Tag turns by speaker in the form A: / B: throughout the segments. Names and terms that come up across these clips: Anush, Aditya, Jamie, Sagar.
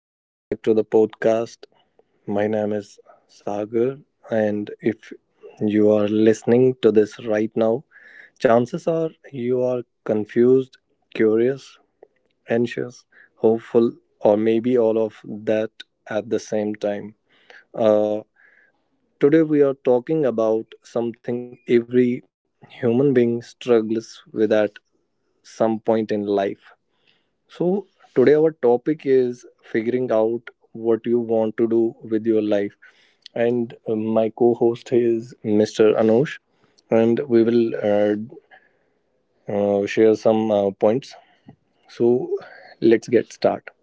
A: Welcome back to the podcast. My name is Sagar, and if you are listening to this right now, chances are you are confused, curious, anxious, hopeful, or maybe all of that at the same time. Uh, Today, we are talking about something every human being struggles with at some point in life. So today our topic is figuring out what you want to do with your life. And my co host is Mr. Anush, and we will share some points. So let's get started.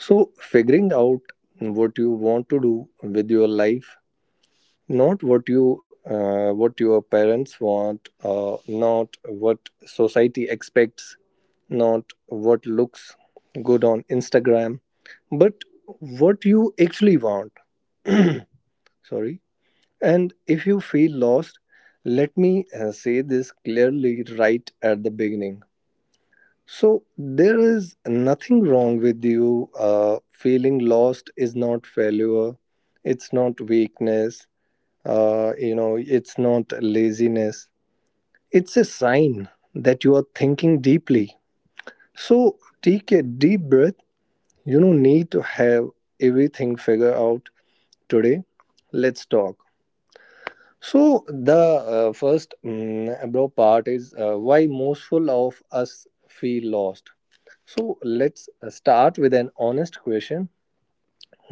A: So, figuring out what you want to do with your life, not what you what your parents want, not what society expects, not what looks good on Instagram, but what you actually want. Sorry. And if you feel lost, let me say this clearly right at the beginning. So there is nothing wrong with you. Feeling lost is not failure, it's not weakness, it's not laziness, it's a sign that you are thinking deeply. So take a deep breath. You don't need to have everything figured out today. Let's talk. So the first mm, bro part is why mostful of us feel lost. So let's start with an honest question.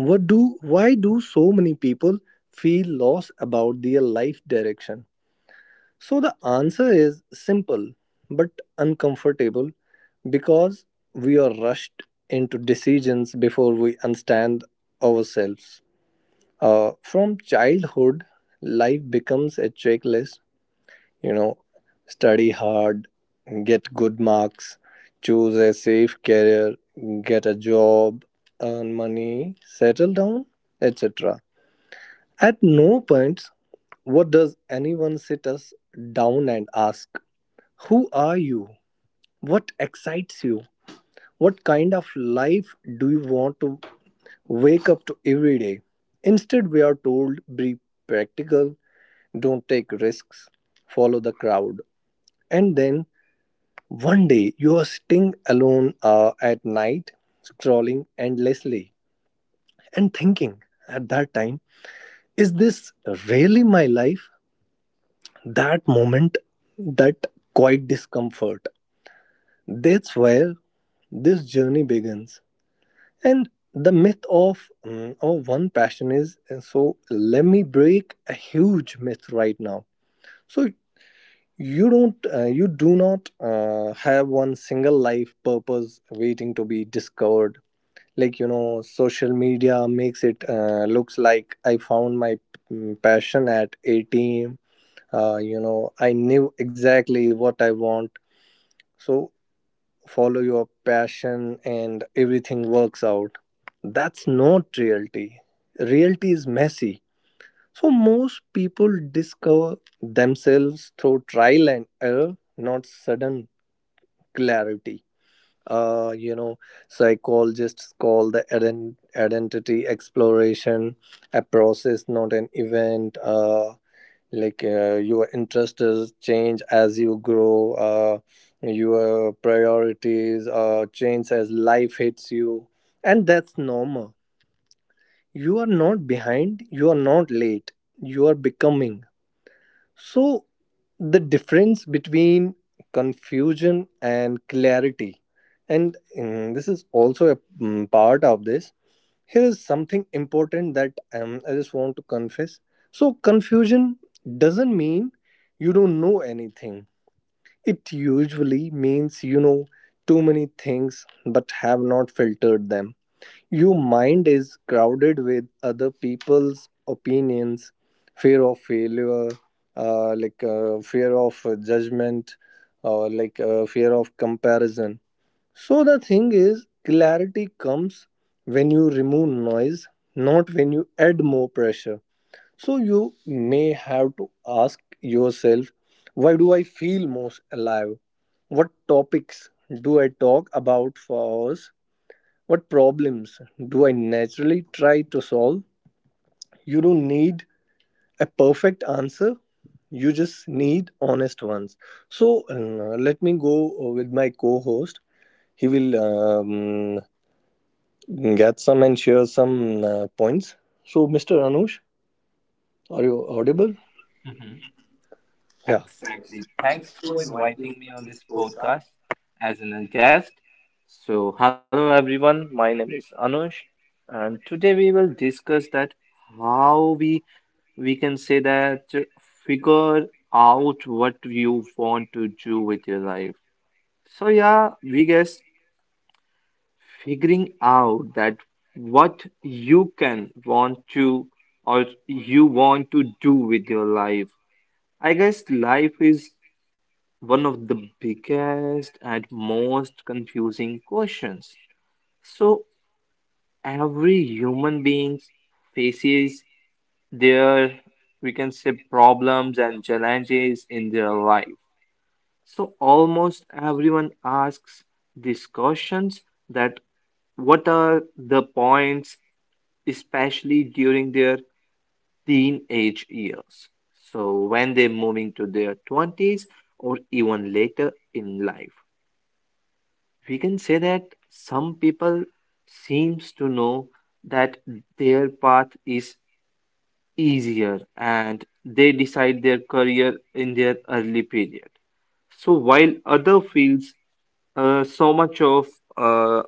A: What do why do so many people feel lost about their life direction? So the answer is simple but uncomfortable, because we are rushed into decisions before we understand ourselves. From childhood, life becomes a checklist, you know, study hard, get good marks, choose a safe career, get a job, earn money, settle down, etc. At no point, what does anyone sit us down and ask? Who are you? What excites you? What kind of life do you want to wake up to every day? Instead, we are told be practical, don't take risks, follow the crowd. And then one day you are sitting alone at night, scrolling endlessly and thinking, at that time, is this really my life? That moment, that quiet discomfort. That's where this journey begins. And the myth of one passion is, and so let me break a huge myth right now. So you don't you do not have one single life purpose waiting to be discovered. Like, you know, social media makes it looks like I found my passion at 18. You know, I knew exactly what I want. So follow your passion and everything works out. That's not reality. Reality is messy. So most people discover themselves through trial and error, not sudden clarity. You know, psychologists call the identity exploration a process, not an event. Your interest is change as you grow, your priorities change as life hits you, and that's normal. You are not behind, you are not late, you are becoming. So the difference between confusion and clarity, and this is also a part of this, here is something important that I just want to confess. So, confusion doesn't mean you don't know anything. It usually means you know too many things but have not filtered them. Your mind is crowded with other people's opinions, fear of failure, fear of judgment, or fear of comparison. So the thing is, clarity comes when you remove noise, not when you add more pressure. So you may have to ask yourself, why do I feel most alive? What topics do I talk about for hours? What problems do I naturally try to solve? You don't need a perfect answer. You just need honest ones. So let me go with my co-host. He will get some and share some points. So, Mr. Anush, are you audible?
B: Mhm.
A: Yeah.
B: Exactly. Thanks for inviting me on this podcast as a guest. So, hello everyone. My name is Anush, and today we will discuss that how we we can say that figure out what you want to do with your life. So, yeah, we guess figuring out that what you can want to or you want to do with your life. I guess life is one of the biggest and most confusing questions. So every human being faces their, we can say, problems and challenges in their life. So almost everyone asks these questions that what are the points, especially during their teenage years. So when they're moving to their 20s or even later in life, we can say that some people seems to know that their path is easier and they decide their career in their early period. So while other fields, so much of uh,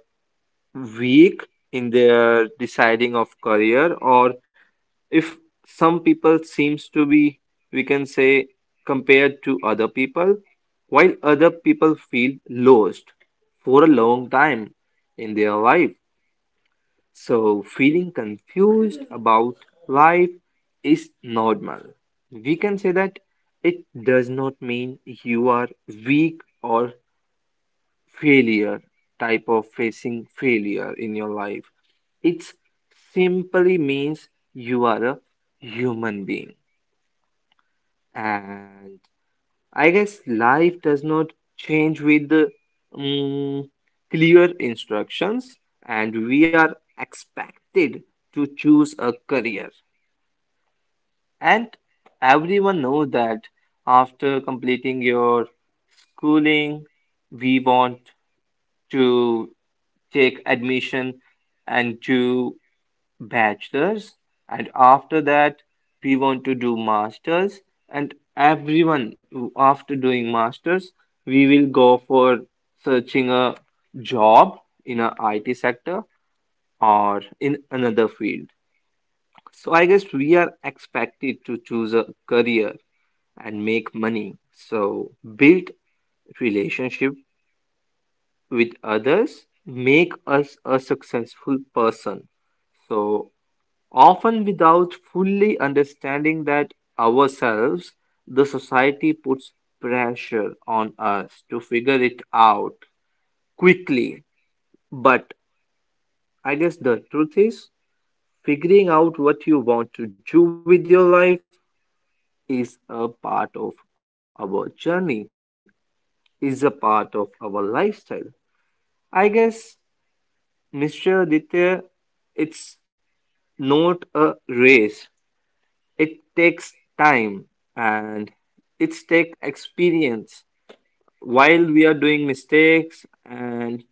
B: weak in their deciding of career, or if some people seems to be, we can say, compared to other people, while other people feel lost for a long time in their life. So feeling confused about life is normal. We can say that it does not mean you are weak or failure, type of facing failure in your life. It simply means you are a human being. And I guess life does not change with the mm, clear instructions, and we are expected to choose a career. And everyone knows that after completing your schooling, we want to take admission and do bachelors, and after that we want to do masters, and after doing masters we will go for searching a job in a IT sector or in another field. So I guess we are expected to choose a career and make money, so build relationship with others, make us a successful person. So, often without fully understanding that ourselves, the society puts pressure on us to figure it out quickly. But I guess the truth is, figuring out what you want to do with your life is a part of our journey, is a part of our lifestyle. I guess, Mr. Aditya, it's not a race. It takes time, and it's take experience. While we are doing mistakes, and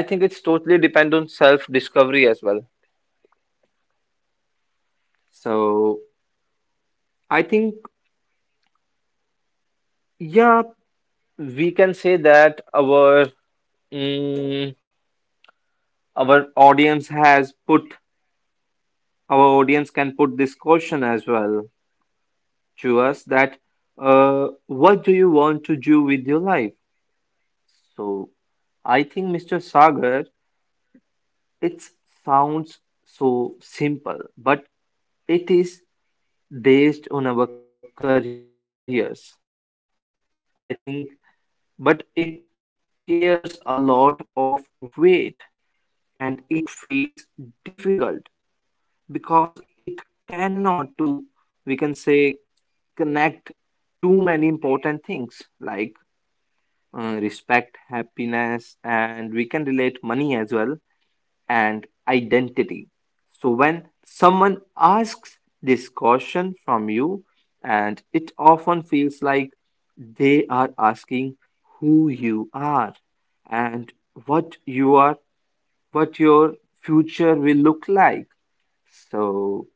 B: I think it's totally depend on self discovery as well. So I think, yeah, we can say that our mm, our audience has put our audience can put this question as well to us that what do you want to do with your life? So I think, Mr. Sagar, it sounds so simple, but it is based on our careers. I think, but it cares a lot of weight and it feels difficult because it cannot to, we can say, connect too many important things like respect, happiness, and we can relate money as well, and identity. So when someone asks this question from you, and it often feels like they are asking who you are and what you are, what your future will look like. So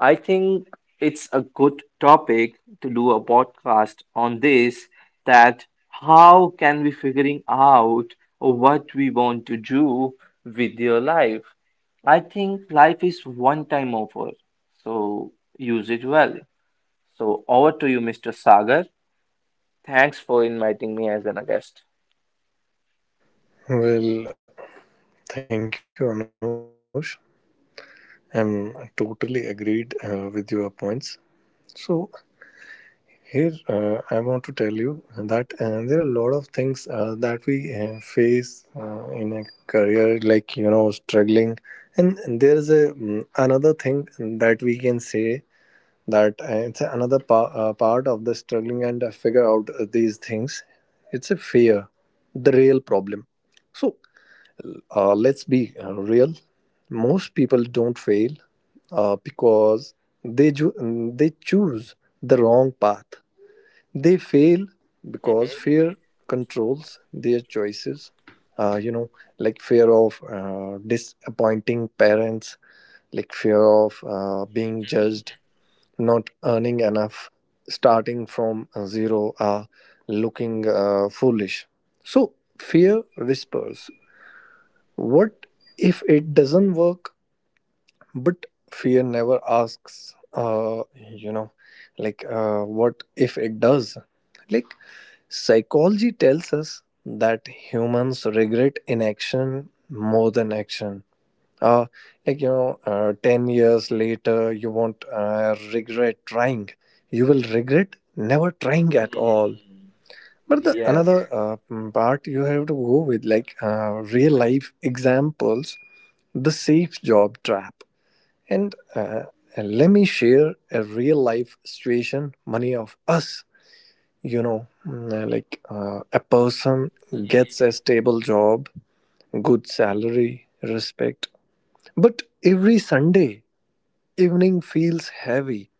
B: I think it's a good topic to do a podcast on this, that how can we figuring out what we want to do with your life? I think life is one time offer, so use it well. So over to you, Mr. Sagar. Thanks for inviting me as a guest.
A: Well, thank you, Anush. I'm totally agreed with your points. So here I want to tell you that there are a lot of things that we face in a career, like, you know, struggling. And there is a another thing that we can say, that it's another part of the struggling and figure out these things. It's a fear, the real problem. So let's be real. Most people don't fail because they ju- they choose the wrong path. They fail because fear controls their choices. uh, you know like fear of disappointing parents, like fear of being judged, not earning enough, starting from zero, are looking foolish. So fear whispers, what if it doesn't work? But fear never asks, what if it does? Like, psychology tells us that humans regret inaction more than action. uh, 10 years later you won't regret trying, you will regret never trying at all.
B: Mhm.
A: But the
B: Yes.
A: another part you have to go with, like, real life examples, the safe job trap. And let me share a real life situation many of us, you know, a person gets a stable job, good salary, respect, but every Sunday evening feels heavy.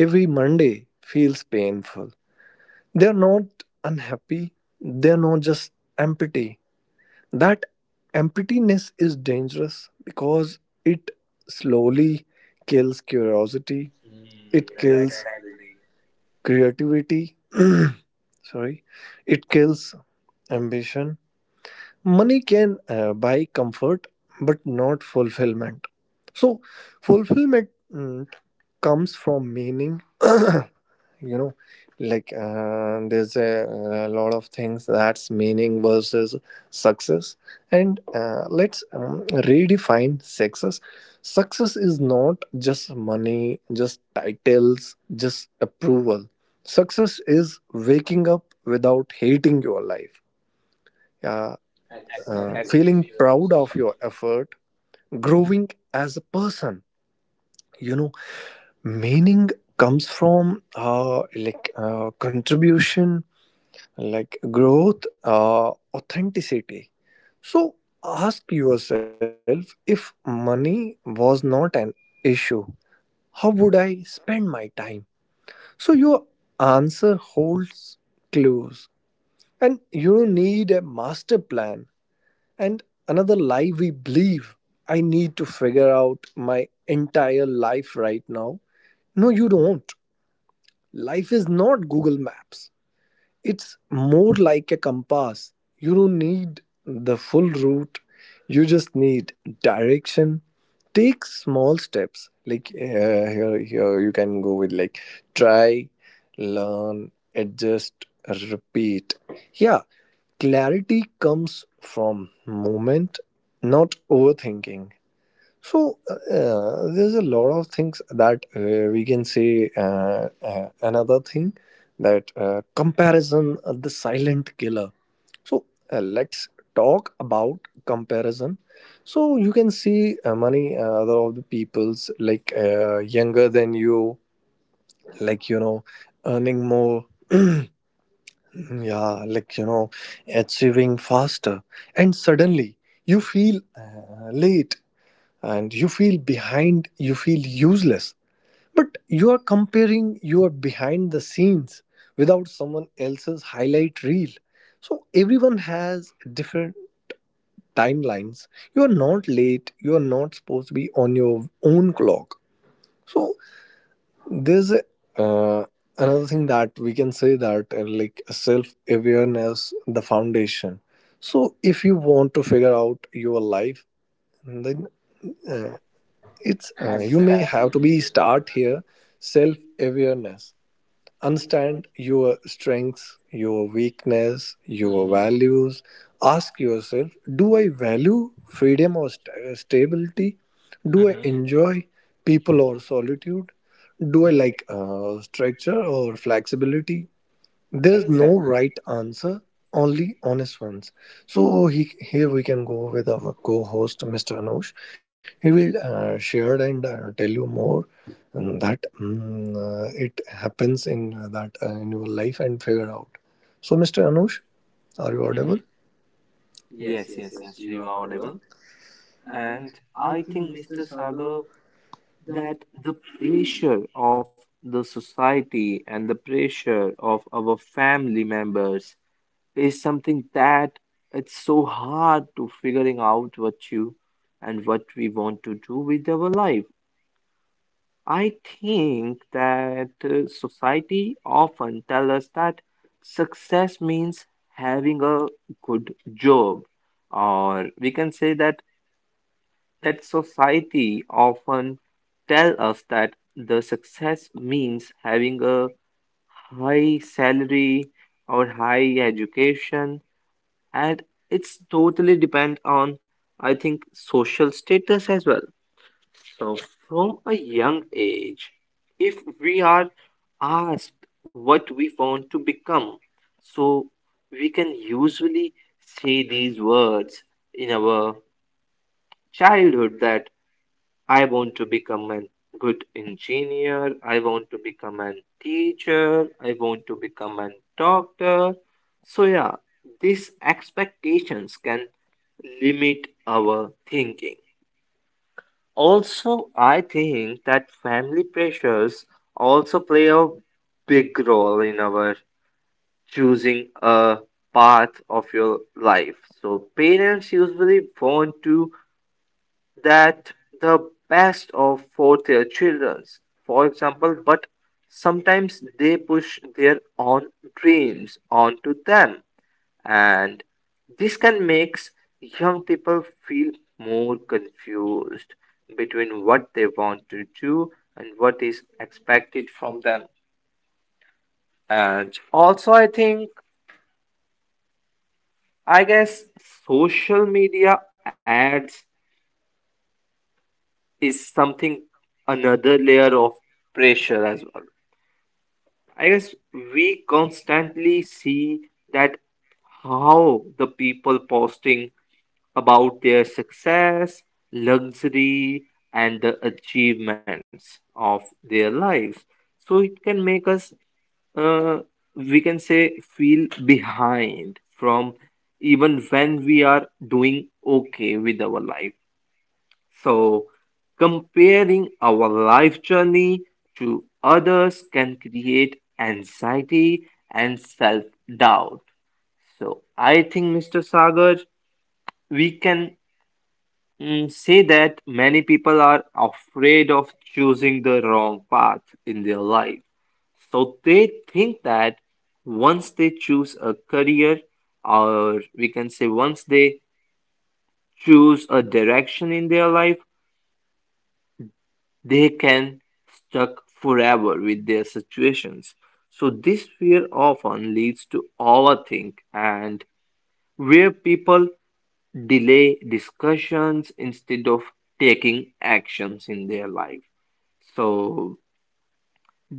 A: Every Monday feels painful. They're not unhappy. They're not just empty. That emptiness is dangerous because it slowly kills curiosity. It
B: Hmm,
A: kills
B: exactly.
A: creativity. Sorry. It kills ambition. Money can buy comfort, but not fulfillment. So, fulfillment comes from meaning. You know, there's a lot of things, that's meaning versus success. And let's redefine success. Success is not just money, just titles, just approval. Success is waking up without hating your life, uh,
B: Exactly,
A: feeling
B: Mr.
A: proud of your
B: Sagar.
A: effort, growing as a person, you know. Meaning comes from, contribution, like growth, authenticity. So ask yourself, if money was not an issue, how would I spend my time? So your answer holds clues, and you don't need a master plan. And another lie we believe, I need to figure out my entire life right now. No, you don't. Life is not Google Maps. It's more like a compass. You don't need the full route, you just need direction. Take small steps. Here you can go with like, try, learn, adjust, repeat. Yeah, clarity comes from movement, not overthinking. So yeah, there's a lot of things that we can say. Another thing, that comparison, the silent killer. So let's talk about comparison. So you can see many other of the peoples like, younger than you, like, you know, earning more. Yeah, like, you know, achieving faster, and suddenly you feel late, and you feel behind, you feel useless. But you are comparing your behind the scenes without someone else's highlight reel. So everyone has different timelines. You are not late, you are not supposed to be on your own clock. So there's uh, another thing that we can say, that like self awareness, the foundation. So if you want to figure out your life, then uh, it's you may have
B: Exactly,
A: to be
B: Mr.
A: start
B: Sagar.
A: here. Self awareness, understand your strengths, your weakness, your
B: Hmm.
A: values. Ask yourself, do I value freedom or stability? Do I
B: Hmm.
A: enjoy people or solitude? Do I like structure or flexibility? There's no right answer, only honest ones. So here we can go with our co-host, Mr. Anush. He will share and tell you more, it happens in that in your life and figure out. So, Mr. Anush, are you audible?
B: Hmm. Yes, yes, yes, you are audible. And I think, Mr. Sagar, that the pressure of the society and the pressure of our family members is something that it's so hard to figuring out what you and what we want to do with our life. I think that society often tells us that success means having a good job, or we can say that that society often tell us that the success means having a high salary or high education, and it's totally depend on, I think, social status as well. So, from a young age, if we are asked what we want to become, so we can usually say these words in our childhood that I want to become a good engineer, I want to become a teacher, I want to become a doctor. So, yeah, these expectations can limit our thinking. Also, I think that family pressures also play a big role in our choosing a path of your life. So, parents usually want to that the best of for their children. For example, but sometimes they push their own dreams onto them, and this can makes young people feel more confused between what they want to do and what is expected from them. And also I think, I guess, social media ads is something, another layer of pressure as well. I guess we constantly see that how the people posting about their success, luxury, and the achievements of their lives. So it can make us, uh, we can say, feel behind from even when we are doing okay with our life. So comparing our life journey to others can create anxiety and self doubt. So I think, Mr. Sagar, we can, say that many people are afraid of choosing the wrong path in their life. So they think that once they choose a career, or we can say once they choose a direction in their life, they can stuck forever with their situations. So this fear often leads to overthink, and where people delay discussions instead of taking actions in their life. So,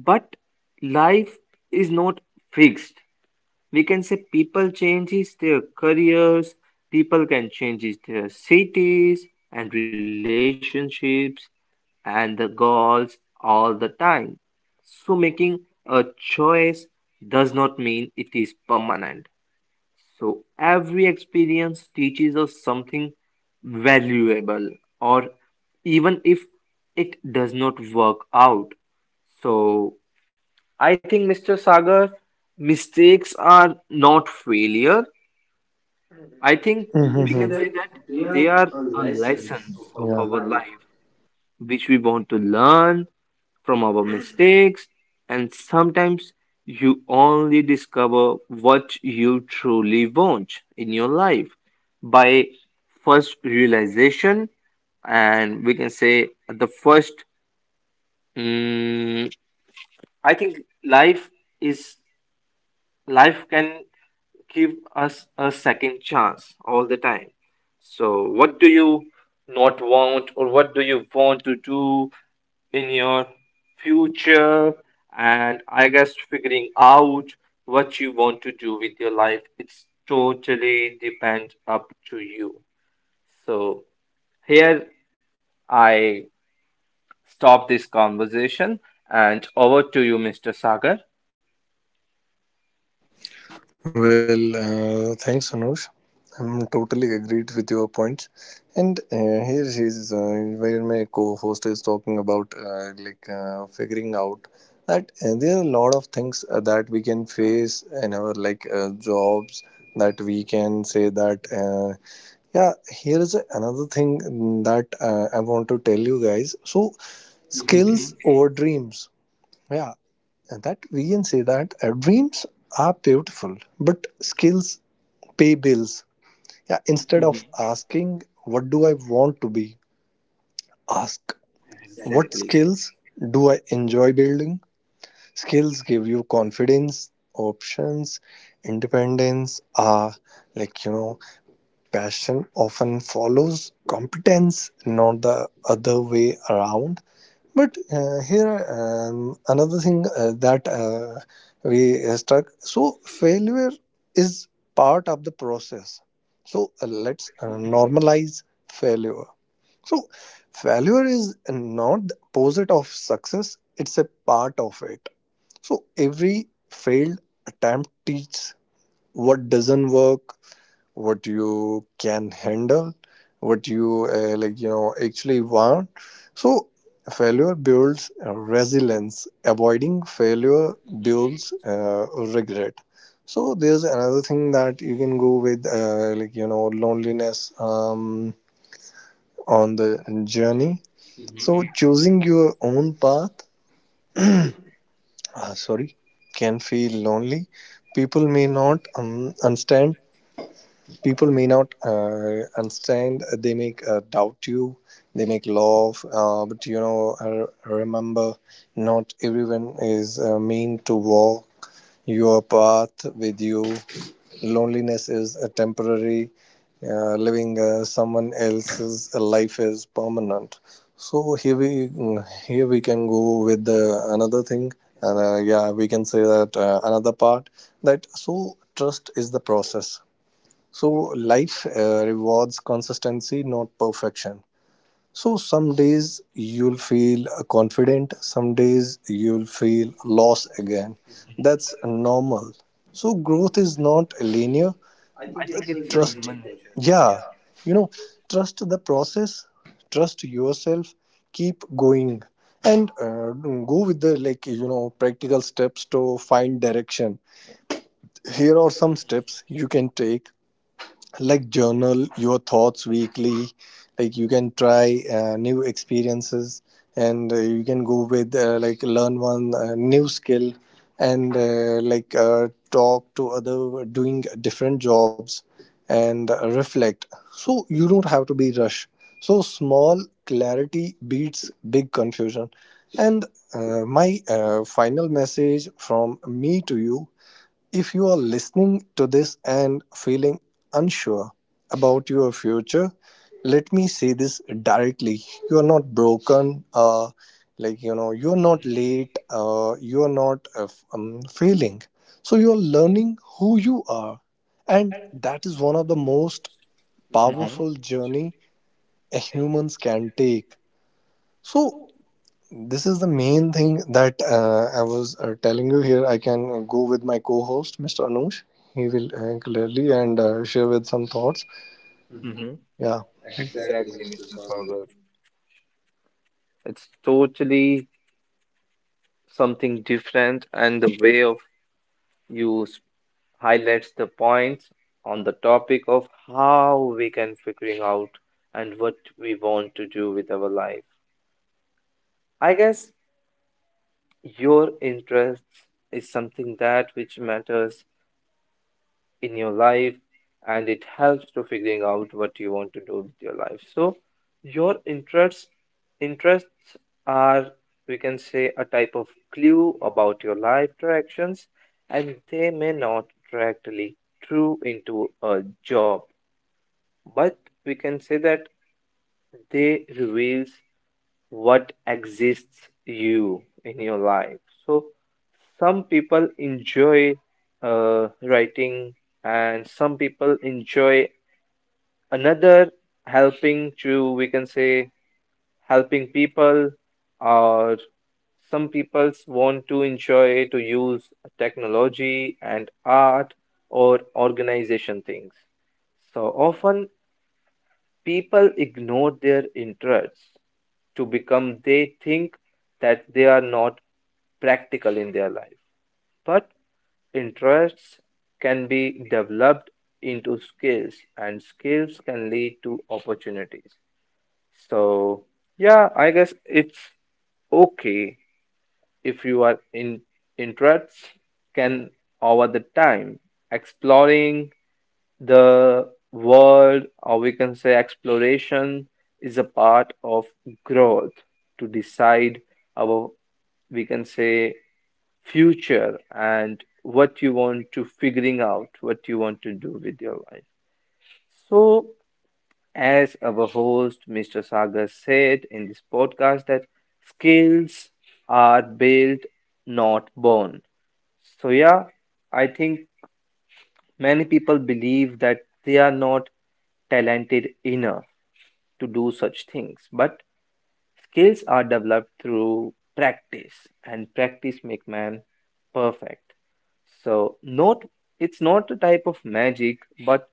B: but life is not fixed. We can say people changes their careers, people can changes their cities and relationships and the goals all the time. So making a choice does not mean it is permanent. So every experience teaches us something valuable, or even if it does not work out. So I think, Mr. Sagar, mistakes are not failure. I think we can say that
A: Mm-hmm.
B: they are a lessons of our life which we want to learn from our mistakes, and sometimes you only discover what you truly want in your life by first realization, and we can say the first, mm, I think life is, life can give us a second chance all the time. So, what do you not want, or what do you want to do in your future? And I guess figuring out what you want to do with your life, it's totally depends up to you. So, here I stop this conversation and over to you, Mr. Sagar.
A: Well, thanks, Anush. I'm totally agreed with your points. And here is where my co-host is talking about, figuring out that there are a lot of things that we can face in our like jobs, that we can say that yeah, here is another thing that I want to tell you guys. So
B: Mhm.
A: skills over dreams. Yeah, and that we can say that dreams are beautiful but skills pay bills. Yeah, instead
B: Mhm.
A: of asking, what do I want to be? Ask, what
B: Exactly.
A: skills do I enjoy building? Skills give you confidence, options, independence. Like you know, Passion often follows competence, not the other way around. But here another thing that we struck. So failure is part of the process. So let's normalize failure. So failure is not the opposite of success. It's a part of it. So every failed attempt teaches what doesn't work, what you can handle, what you, like you know actually want. So failure builds resilience, avoiding failure builds
B: Mhm.
A: regret. So there's another thing that you can go with, loneliness on the journey. Mhm. So
B: Mhm.
A: choosing your own path, sorry can feel lonely. People may not understand, people may not understand, they make doubt you, they make love. But you know, remember, not everyone is mean to walk your path with you. Loneliness is a temporary, living someone else's life is permanent. So here we, here we can go with the, another thing, and yeah, we can say that another part, that so trust is the process. So life rewards consistency, not perfection. So some days you'll feel confident, some days you'll feel lost again. That's normal. So growth is not linear.
B: I think it's a
A: Trust,
B: human nature.
A: yeah, you know, trust the process, trust yourself, keep going, and go with the, like, you know, practical steps to find direction. Here are some steps you can take, like journal your thoughts weekly, like you can try new experiences, and you can go with, like learn one new skill, and talk to other doing different jobs, and reflect. So you don't have to be rush. So small clarity beats big confusion. And my final message from me to you, if you are listening to this and feeling unsure about your future, let me say this directly. You are not broken, you're not late, you're not failing. So you're learning who you are, and that is one of the most
B: Mm-hmm.
A: powerful journey a humans can take. So this is the main thing that I was telling you here. I can go with my co host, Mr. Anush. He will clearly and share with some thoughts.
B: Mm-hmm.
A: Yeah.
B: It's totally something different, and the way of you s- highlights the points on the topic of how we can figuring out and what we want to do with our life. I guess your interests is something that which matters in your life, and it helps to figuring out what you want to do with your life. So your interests are, we can say, a type of clue about your life directions, and they may not directly through into a job, but we can say that they reveals what exists you in your life. So some people enjoy writing, and some people enjoy another, helping to, we can say, helping people, or some people want to enjoy to use technology and art or organization things. So often people ignore their interests to become they think that they are not practical in their life. But interests can be developed into skills, and skills can lead to opportunities. So yeah, I guess it's okay if you are in interests can over the time exploring the world, or we can say exploration, is a part of growth to decide our, we can say, future and what you want to figuring out, what you want to do with your life. So, as our host, Mr. Sagar said in this podcast, that skills are built, not born. So, yeah, I think many people believe that they are not talented enough to do such things, but skills are developed through practice, and practice make man perfect. So, not, it's not a type of magic, but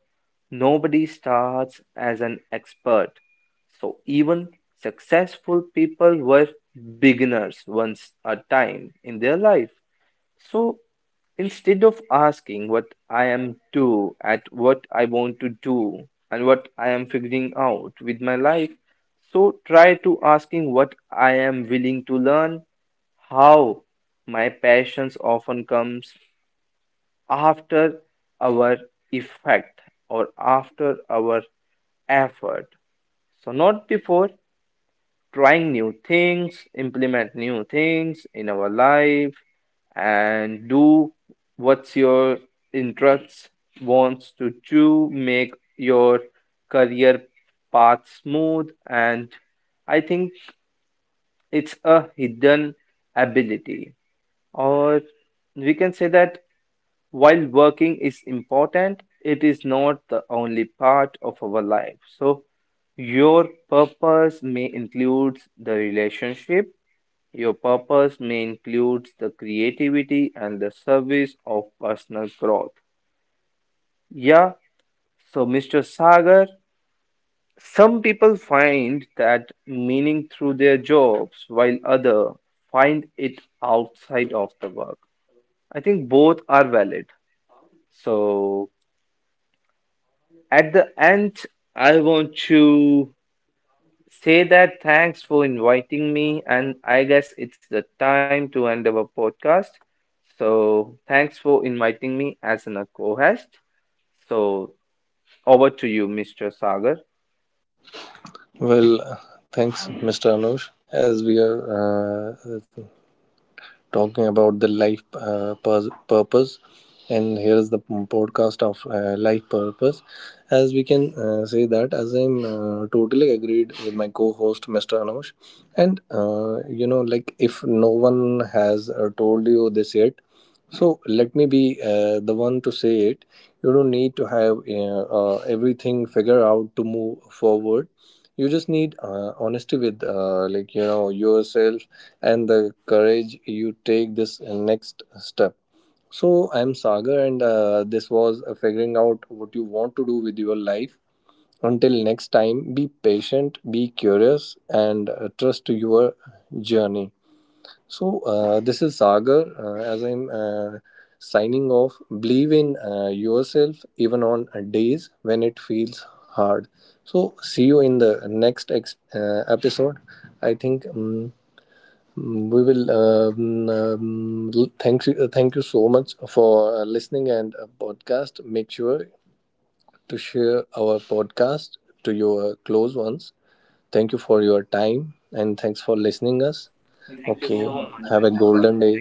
B: nobody starts as an expert. So, even successful people were beginners once a time in their life. So instead of asking what I am to at what I want to do and what I am figuring out with my life, so try to asking what I am willing to learn, how my passions often comes after our effect or after our effort, so not before trying new things, implement new things in our life, and do what's your interests wants to do, make your career path smooth, and I think it's a hidden ability, or we can say that while working is important, it is not the only part of our life. So, your purpose may include the relationship, your purpose may include the creativity and the service of personal growth. Yeah, so Mr. Sagar, some people find that meaning through their jobs while others find it outside of the work. I think both are valid. So, at the end, I want to say that thanks for inviting me, and I guess it's the time to end our podcast. So, thanks for inviting me as an co host. So, over to you, Mr. Sagar.
A: Well, thanks, Mr. Anush. As we are talking about the life purpose. And here's the podcast of life purpose. As we can say that, as I'm totally agreed with my co host, Mr. Anush. And you know, like if no one has told you this yet, so let me be the one to say it. You don't need to have everything figured out to move forward. You just need honesty with, like, you know, yourself, and the courage you take this next step. So I'm Sagar, and this was figuring out what you want to do with your life. Until next time, be patient, be curious, and trust your journey. So this is Sagar. As I'm signing off, believe in yourself even on days when it feels hard. So see you in the next episode. I think we will. Thank you, thank you so much for listening and podcast. Make sure to share our podcast to your close ones. Thank you for your time and thanks for listening us. Okay. Have a golden day.